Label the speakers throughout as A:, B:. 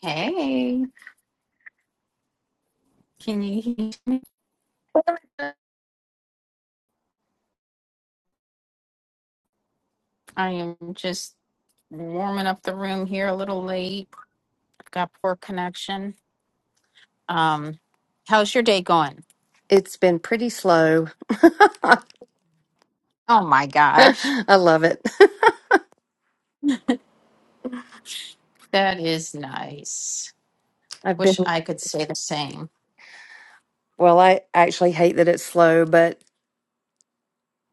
A: Hey, can you hear me? I am just warming up the room here a little late. Got poor connection. Um, how's your day going?
B: It's been pretty slow.
A: Oh my gosh,
B: I love it.
A: that is nice.
B: I've been,
A: Wish I could say the same.
B: well, I actually hate that it's slow, but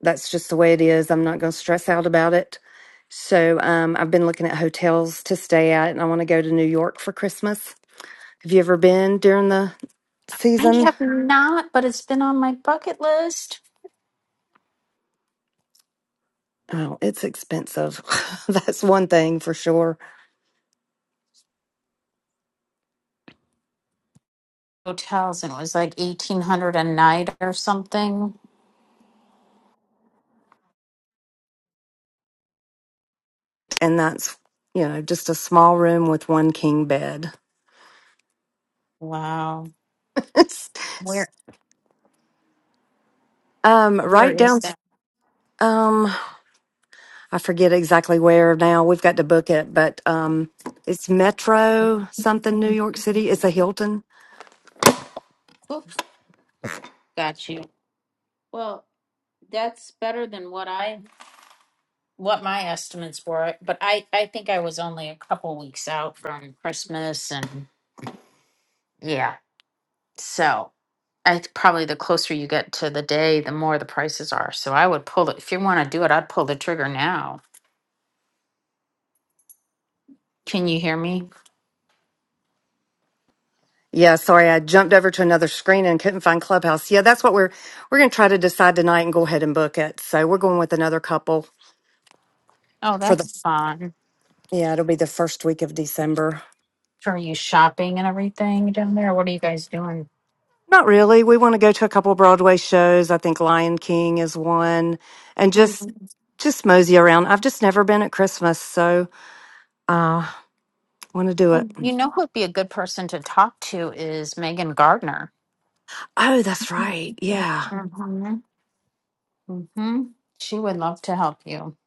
B: that's just the way it is. I'm not going to stress out about it. So um, I've been looking at hotels to stay at, and I want to go to New York for Christmas. Have you ever been during the
A: I
B: season?
A: have not, but it's been on my bucket list.
B: Oh, it's expensive. that's one thing for sure.
A: Hotels and it was like eighteen hundred a night or something.
B: And that's, you know, just a small room with one king bed.
A: Wow,
B: it's
A: where
B: um,
A: where
B: right
A: is
B: down.
A: that?
B: Um, I forget exactly where now. We've got to book it, but um, it's Metro something New York City. It's a Hilton.
A: Oops, got you. Well, that's better than what I what my estimates were, but I, I think I was only a couple weeks out from Christmas and yeah. So I probably the closer you get to the day, the more the prices are. So I would pull it if you want to do it, I'd pull the trigger now. Can you hear me?
B: Yeah, sorry, I jumped over to another screen and couldn't find Clubhouse. Yeah, that's what we're we're going to try to decide tonight and go ahead and book it. So we're going with another couple
A: Oh,
B: for
A: that's
B: the
A: fun.
B: yeah, it'll be the first week of December.
A: So Are you shopping and everything down there? What are you guys doing?
B: Not really. We want to go to a couple Broadway shows. I think Lion King is one, and just
A: Mm,
B: just mosey around. I've just never been at Christmas, so uh, want to do
A: Well,
B: it.
A: you know who would be a good person to talk to is Megan Gardner.
B: Oh, that's right. Yeah.
A: Mm-hmm. Mm-hmm. She would love to help you.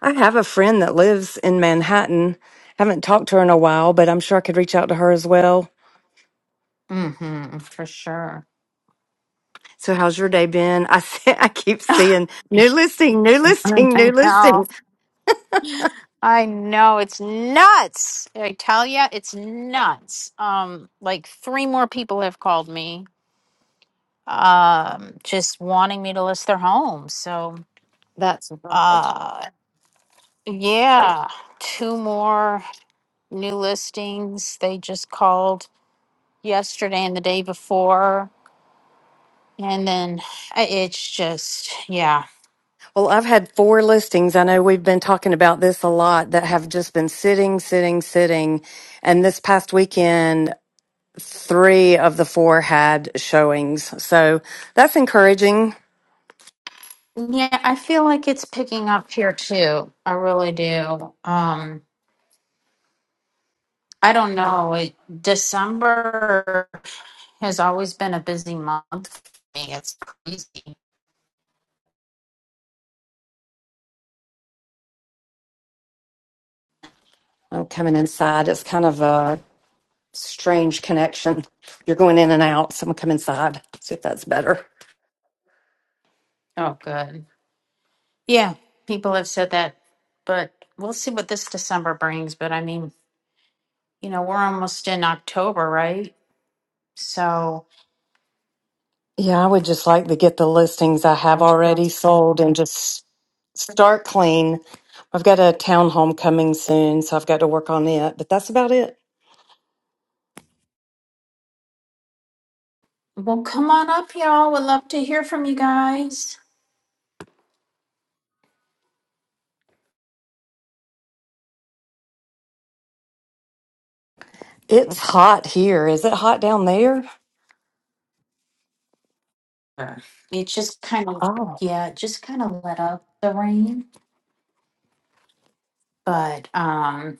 B: I have a friend that lives in Manhattan. Haven't talked to her in a while, but I'm sure I could reach out to her as well.
A: Mm-hmm. For sure.
B: So, how's your day been? I see, I keep seeing new
A: I
B: listing, new listing, new
A: know.
B: listing.
A: I know. It's nuts. I tell you, it's nuts. Um, like three more people have called me, um, just wanting me to list their homes. So,
B: That
A: uh, yeah, two more new listings. They just called yesterday and the day before, and then I- it's just yeah.
B: well, I've had four listings. I know we've been talking about this a lot that have just been sitting, sitting, sitting. And this past weekend, three of the four had showings. So that's encouraging.
A: Yeah, I feel like it's picking up here too. I really do. Um, I don't know. It, December has always been a busy month for me. It's crazy.
B: I'm coming inside. It's kind of a strange connection. You're going in and out, so I'm gonna come inside. See if that's better.
A: Oh, good. Yeah, people have said that, but we'll see what this December brings. But I mean, you know, we're almost in October, right? So
B: Yeah, I would just like to get the listings I have
A: I'm sure.
B: already sold and just start clean. I've got a townhome coming soon, so I've got to work on it, but that's about it.
A: Well, come on up, y'all. We'd love to hear from you guys.
B: It's hot here. Is it hot down there?
A: Sure. It just kind of,
B: Oh,
A: yeah, it just kind of let up the rain, but um,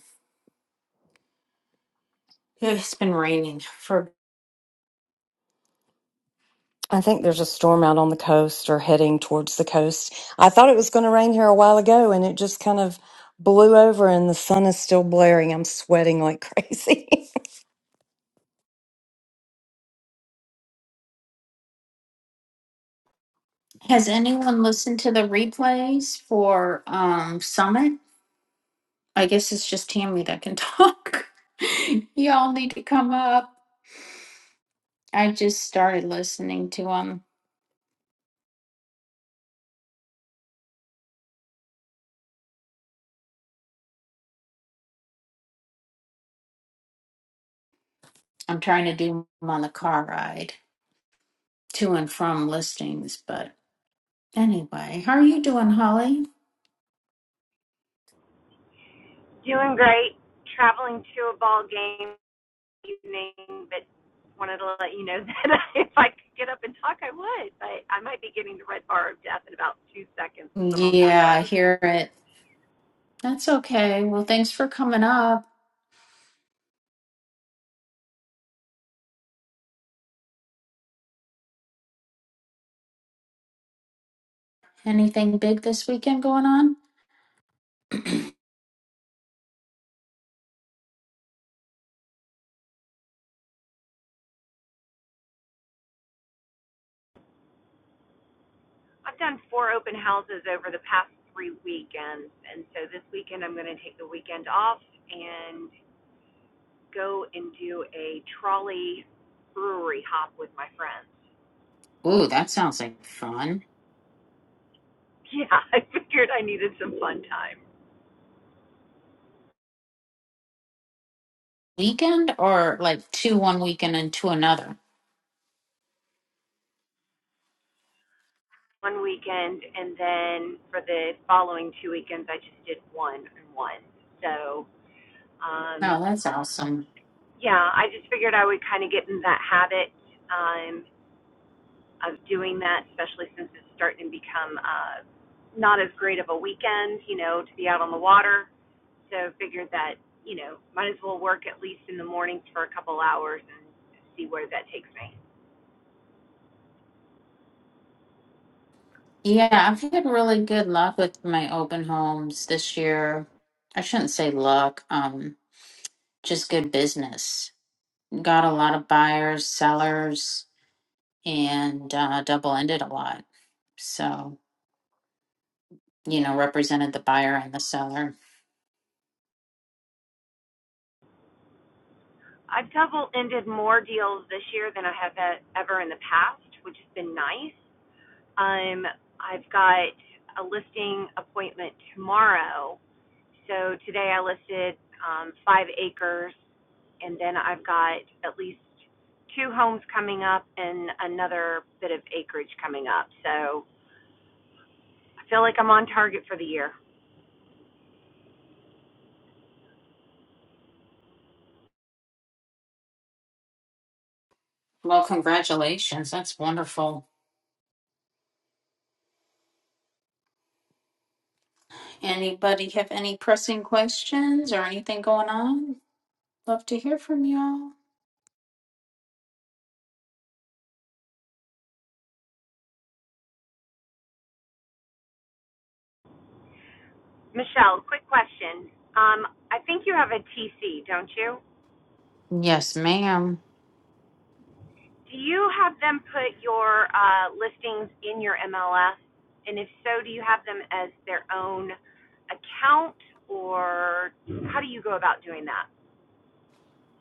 A: it's been raining for
B: I think there's a storm out on the coast or heading towards the coast. I thought it was going to rain here a while ago and it just kind of blew over and the sun is still blaring. I'm sweating like crazy.
A: Has anyone listened to the replays for um Summit? I guess it's just Tammy that can talk. Y'all need to come up. I just started listening to them. I'm trying to do them on the car ride to and from listings, but anyway, how are you doing, Holly?
C: Doing great. Traveling to a ball game evening, but wanted to let you know that if I could get up and talk, I would. But I might be getting the red bar of death in about two seconds as I'm on back
A: Yeah, I
C: road.
A: hear it. That's okay. Well, thanks for coming up. Anything big this weekend going on?
C: I've done four open houses over the past three weekends, and so this weekend I'm going to take the weekend off and go and do a trolley brewery hop with my friends.
A: Ooh, that sounds like fun.
C: Yeah, I figured I needed some fun time.
A: Weekend or like two one weekend and two another?
C: one weekend, and then for the following two weekends, I just did one and one. So, um,
A: No, that's awesome.
C: yeah, I just figured I would kind of get in that habit um, of doing that, especially since it's starting to become uh, not as great of a weekend, you know, to be out on the water. So, figured that you know, might as well work at least in the mornings for a couple hours and see where that takes me.
A: Yeah, I've had really good luck with my open homes this year. I shouldn't say luck, um, just good business. Got a lot of buyers, sellers, and uh, double ended a lot. So, you know, represented the buyer and the seller.
C: I've double ended more deals this year than I have e- ever in the past, which has been nice. Um, I've got a listing appointment tomorrow. So today I listed um, five acres, and then I've got at least two homes coming up and another bit of acreage coming up. So I feel like I'm on target for the year.
A: Well, congratulations. That's wonderful. Anybody have any pressing questions or anything going on? Love to hear from y'all.
C: Michelle, quick question. Um, I think you have a TC, don't you?
A: Yes, ma'am.
C: Do you have them put your uh, listings in your MLS? And if so, do you have them as their own account, or how do you go about doing that?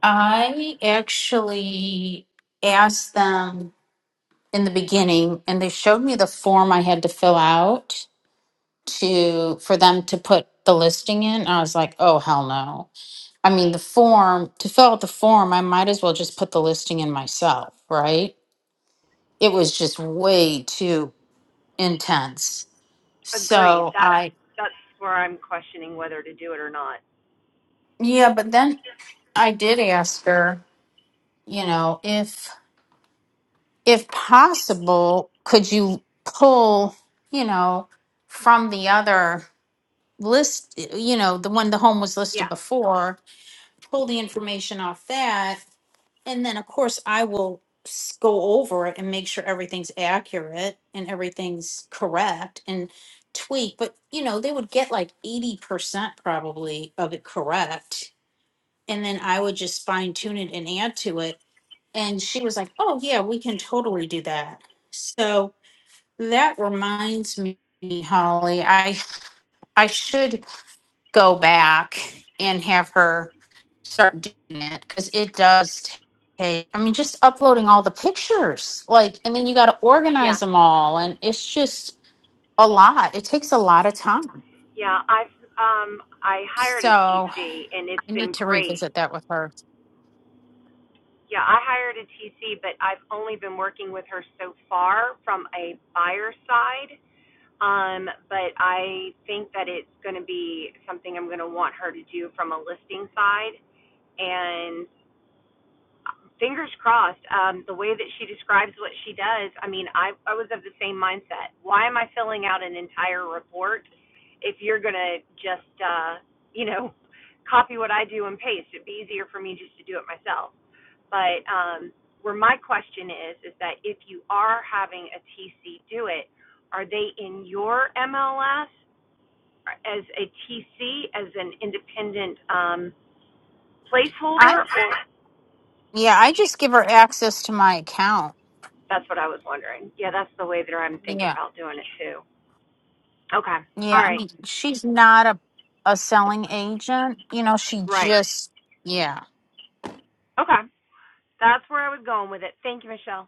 A: I actually asked them in the beginning, and they showed me the form I had to fill out to for them to put the listing in. I was like, oh hell no. I mean, the form to fill out the form, I might as well just put the listing in myself, right? It was just way too intense.
C: Agreed.
A: So
C: That's
A: I,
C: that's where I'm questioning whether to do it or not.
A: yeah, but then I did ask her, you know, if if possible, could you pull, you know, from the other list, you know, the one the home was listed
C: Yeah,
A: before, pull the information off that. And then, of course, I will s- go over it and make sure everything's accurate and everything's correct and tweak. But, you know, they would get like 80% probably of it correct. And then I would just fine tune it and add to it. And she was like, oh, yeah, we can totally do that. So, that reminds me, Holly, I I should go back and have her start doing it because it does take. I mean, just uploading all the pictures, like, and then you got to
C: yeah,
A: organize them all, and it's just a lot. It takes a lot of time.
C: yeah. I've um I hired a
A: So
C: TC and it's
A: I
C: been
A: need to
C: great.
A: revisit that with her.
C: Yeah, I hired a TC, but I've only been working with her so far from a buyer side Um, but I think that it's going to be something I'm going to want her to do from a listing side. And uh, fingers crossed, um, the way that she describes what she does, I mean, I, I was of the same mindset. Why am I filling out an entire report if you're going to just, uh, you know, copy what I do and paste? It'd be easier for me just to do it myself. But um, where my question is, is that if you are having a TC do it, are they in your MLS as a TC, as an independent um,
A: I
C: placeholder, or
A: yeah, I just give her access to my account.
C: that's what I was wondering. Yeah, that's the way that I'm thinking
A: Yeah,
C: about doing it too. Okay. All
A: yeah. I
C: right.
A: mean, she's not a a selling agent. You know, she
C: Right.
A: just yeah.
C: Okay. That's where I was going with it. Thank you, Michelle.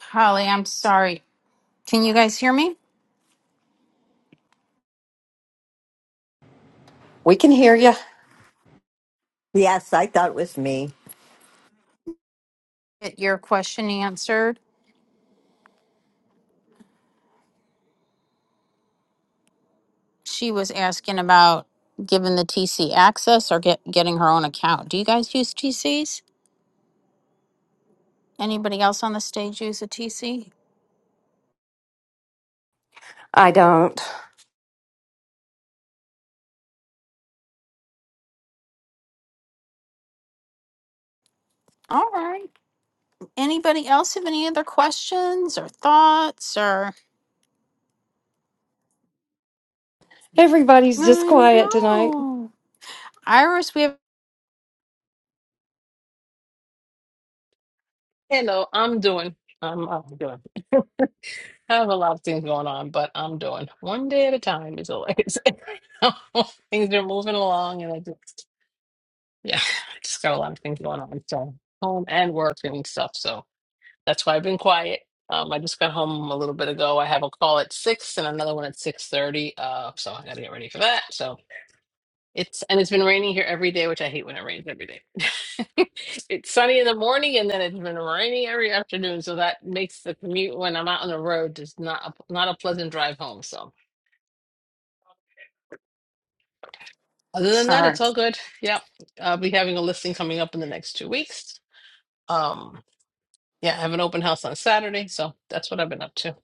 A: Holly, I'm sorry. Can you guys hear me?
B: we can hear you.
D: Yes, I thought it was me.
A: Get your question answered. She was asking about giving the TC access or get getting her own account. Do you guys use TCs? Anybody else on the stage use a TC?
B: I don't.
A: All right. Anybody else have any other questions or thoughts or
B: Everybody's just
A: I
B: quiet tonight.
A: know. Iris, we have
E: Hello, I'm doing. I'm, I'm doing. I have a lot of things going on, but I'm doing one day at a time. Is always things are moving along, and I just yeah, I just got a lot of things going on. So home and work and stuff. So that's why I've been quiet. Um, I just got home a little bit ago. I have a call at six and another one at six thirty. Uh, so I got to get ready for that. So. It's and it's been raining here every day, which I hate when it rains every day. It's sunny in the morning and then it's been raining every afternoon, so that makes the commute when I'm out on the road just not a, not a pleasant drive home. So other than that, it's
A: sorry.
E: all good. Yep. I'll be having a listing coming up in the next two weeks. Um, yeah, I have an open house on Saturday, so that's what I've been up to.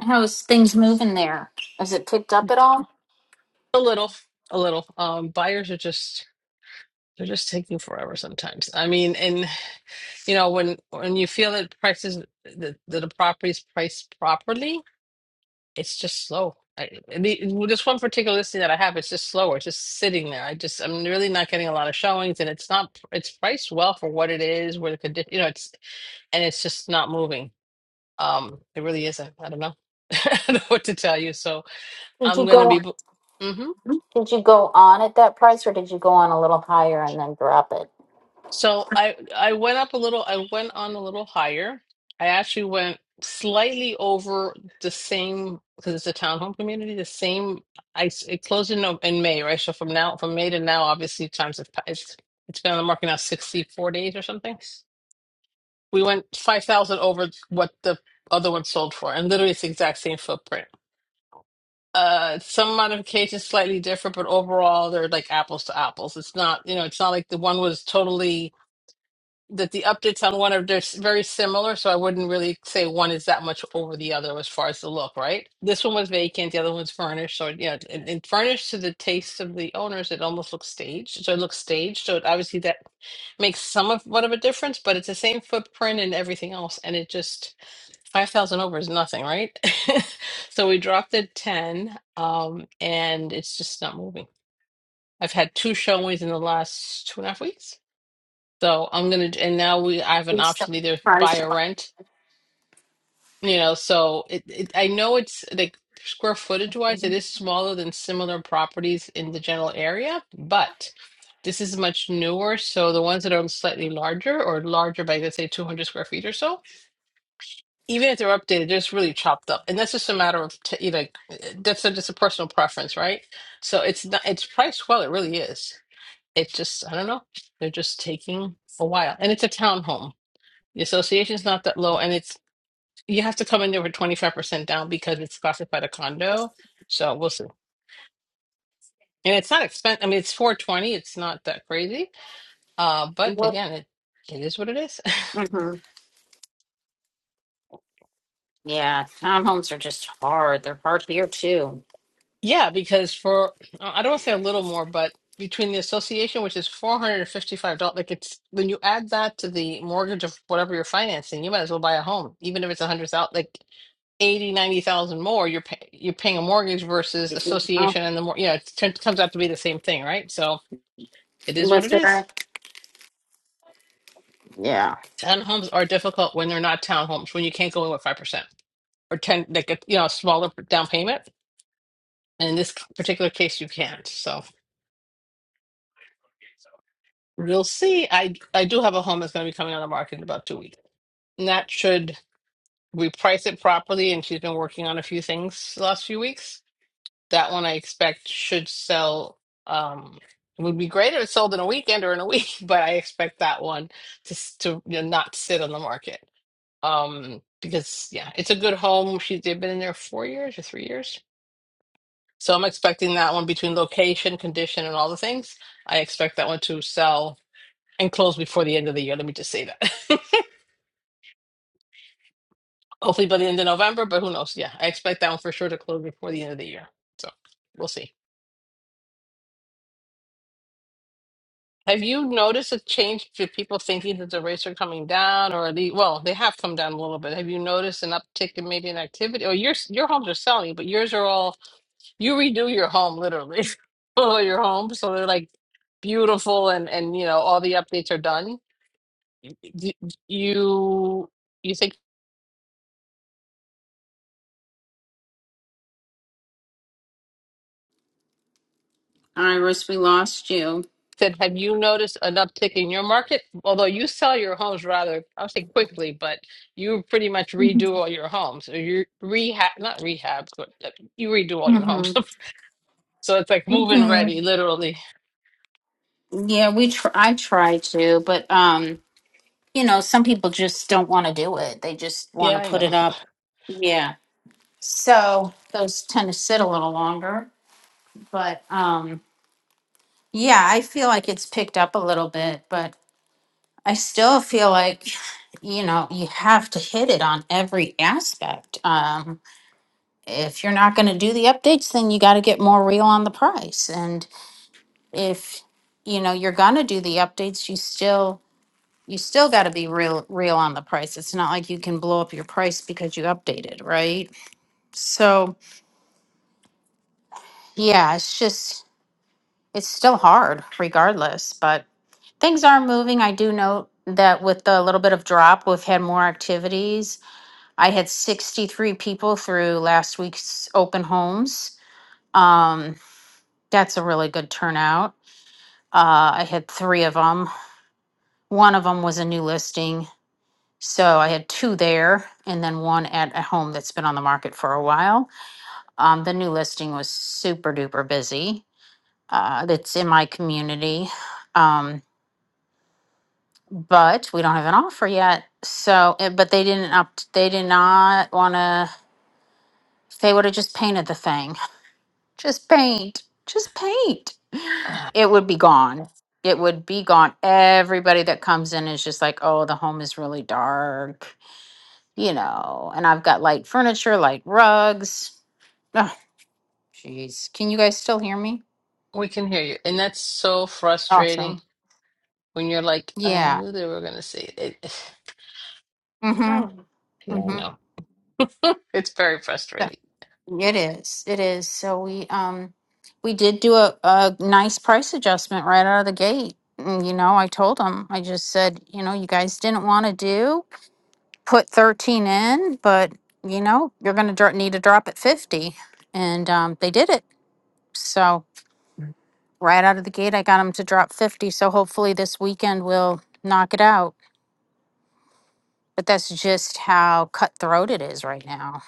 A: How's things moving there? Has it picked up at all?
E: A little, a little. Um, buyers are just they're just taking forever sometimes. I mean, and You know, when when you feel that prices that, that the property is priced properly, it's just slow. I, the, well, this one particular listing that I have, it's just slower. It's just sitting there. I just I'm really not getting a lot of showings, and it's not it's priced well for what it is, where the condition, you know, it's and it's just not moving. Um, it really isn't. I don't know. I don't know what to tell you. So
A: Did you
E: I'm gonna
A: go
E: be.
A: did you go on at that price or did you go on a little higher and then drop it?
E: So I I went up a little, I went on a little higher. I actually went slightly over the same because it's a townhome community, the same I s- it closed in Nov- in May, right? So from now from May to now, obviously times have passed. it's it's been on the market now 64 days or something. We went 5,000 over what the other one sold for and literally it's the exact same footprint. Uh, some modifications slightly different, but overall they're like apples to apples. It's not, you know, it's not like the one was totally that the updates on one are they're s- very similar, so I wouldn't really say one is that much over the other as far as the look, right? This one was vacant, the other one's furnished, so yeah, and, and furnished to the taste of the owners, it almost looks staged. So it looks staged, so it, obviously that makes some of what of a difference, but it's the same footprint and everything else, and it just five thousand over is nothing, right? so we dropped it ten, um, and it's just not moving. I've had two showings in the last two and a half weeks so I'm gonna, and now we, I have an option to either
A: Surprise.
E: buy or rent, you know. So it, it I know it's like square footage wise, it is smaller than similar properties in the general area, but this is much newer. So the ones that are slightly larger or larger by, let's say, 200 square feet or so, even if they're updated, they're just really chopped up. And that's just a matter of, t you know, like, that's a, just a personal preference, right? So it's not, it's priced well, it really is. It's just, I don't know, they're just taking a while. And it's a townhome. The association's not that low, and it's you have to come in there with 25% down because it's classified a condo. So we'll see. And it's not expensive. I mean, it's 420. It's not that crazy. Uh, but
A: What?
E: again, it, it is what it is.
A: hmm Yeah, townhomes are just hard. They're hard here too.
E: yeah, because for uh, I don't want to say a little more, but between the association, which is $455, like it's when you add that to the mortgage of whatever you're financing, you might as well buy a home, even if it's a hundred thousand. Like. 80, 90,000 more, you're pay, you're paying a mortgage versus
A: You know,
E: association and the more, you know, it turns- comes out to be the same thing, right? So it is what
A: With
E: it is.
A: their yeah,
E: Townhomes are difficult when they're not townhomes, when you can't go in with 5% or 10, like a, you know, a smaller down payment. And in this particular case, you can't. So we'll see. I, I do have a home that's going to be coming on the market in about two weeks. And that should, we price it properly. And she's been working on a few things the last few weeks that one I expect should sell. Um, it would be great if it sold in a weekend or in a week, but I expect that one to s- to you know, not sit on the market. Um, because yeah, it's a good home. She they've been in there four years or three years, so I'm expecting that one between location, condition, and all the things. I expect that one to sell and close before the end of the year. Let me just say that. Hopefully by the end of November, but who knows? Yeah, I expect that one for sure to close before the end of the year. So we'll see. Have you noticed a change to people thinking that the rates are coming down, or the well, they have come down a little bit. Have you noticed an uptick in maybe an activity? Or your your homes are selling, but yours are all you redo your home literally, all your home, so they're like beautiful and and you know all the updates are done. Do, you you think
A: Iris, we lost you.
E: said, have you noticed an uptick in your market? Although you sell your homes rather, I'll say quickly, but you pretty much redo all your homes. Or you rehab, not rehab, but uh, you redo all your
A: Mm-hmm.
E: homes. so it's like move-in
A: hmm
E: ready, literally.
A: Yeah, we. Tr- I try to, but um, you know, some people just don't want to do it. They just want
E: Yeah,
A: to
E: I
A: put
E: know.
A: it up. Yeah. So those tend to sit a little longer, but um, yeah, I feel like it's picked up a little bit, but I still feel like, you know, you have to hit it on every aspect. Um, if you're not going to do the updates, then you got to get more real on the price. And if, you know, you're going to do the updates, you still you still got to be real real on the price. It's not like you can blow up your price because you updated, right? So, yeah, it's just it's still hard regardless, but things are moving. I do note that with the little bit of drop, we've had more activities I had 63 people through last week's open homes. Um, that's a really good turnout. Uh, I had three of them. One of them was a new listing. So I had two there and then one at a home that's been on the market for a while. Um, the new listing was super duper busy. Uh, that's in my community. Um, but we don't have an offer yet. So, eh, but they didn't up, they did not want to, they would have just painted the thing Just paint. Just paint.
E: Ah,
A: It would be gone. It would be gone. Everybody that comes in is just like, oh, the home is really dark, you know, and I've got light furniture, light rugs. Oh, jeez. Can you guys still hear me?
E: We can hear you. And that's so
A: Awesome.
E: frustrating when you're like, I
A: Yeah.
E: knew they were going to say it.
A: Mm-hmm.
E: Oh, yeah, I
A: Mm-hmm.
E: know. It's very
A: Yeah.
E: frustrating.
A: It is. It is. So we um we did do a, a nice price adjustment right out of the gate. And, You know, I told them, I just said, you know, you guys didn't want to do. put 13 in, but you know, you're going to need to drop at 50. And um, they did it. So, right out of the gate, I got them to drop 50. So, hopefully, this weekend we'll knock it out. But that's just how cutthroat it is right now.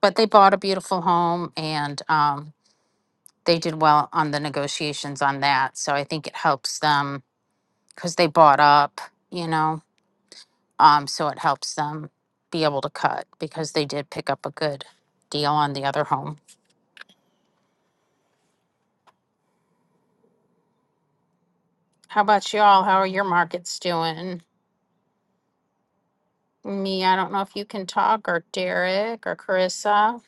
A: But they bought a beautiful home and um, they did well on the negotiations on that. So, I think it helps them because they bought up, you know, um, so it helps them be able to cut because they did pick up a good deal on the other home. How about y'all? How are your markets doing? Me, I don't know if you can talk, or Derek, or Carissa.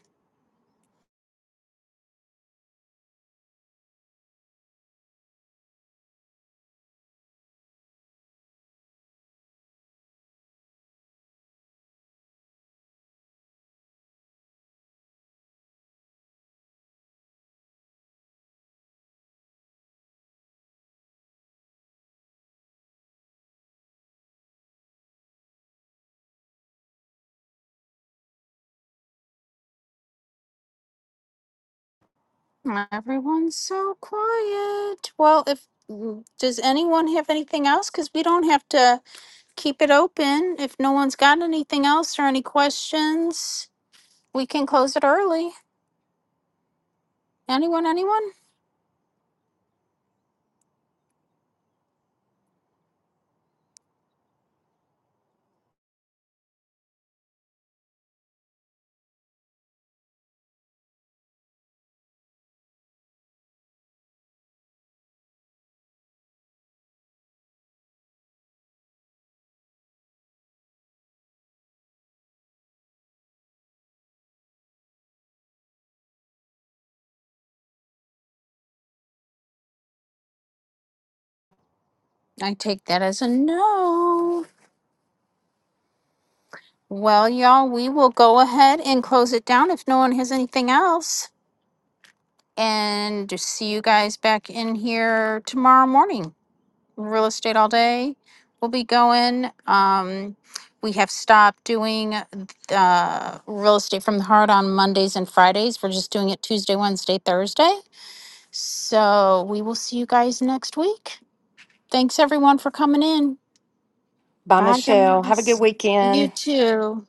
A: Everyone's so quiet. Well, if mm, does anyone have anything else? Because we don't have to keep it open. If no one's got anything else or any questions, we can close it early. Anyone, anyone? I take that as a no. Well, y'all, we will go ahead and close it down if no one has anything else. and to see you guys back in here tomorrow morning. Real estate all day. We'll be going. Um, we have stopped doing uh, real estate from the heart on Mondays and Fridays. We're just doing it Tuesday, Wednesday, Thursday. So we will see you guys next week. Thanks everyone for coming in.
B: Bye,
A: Bye
B: Michelle. Have a good
A: guys. You
B: weekend.
A: too.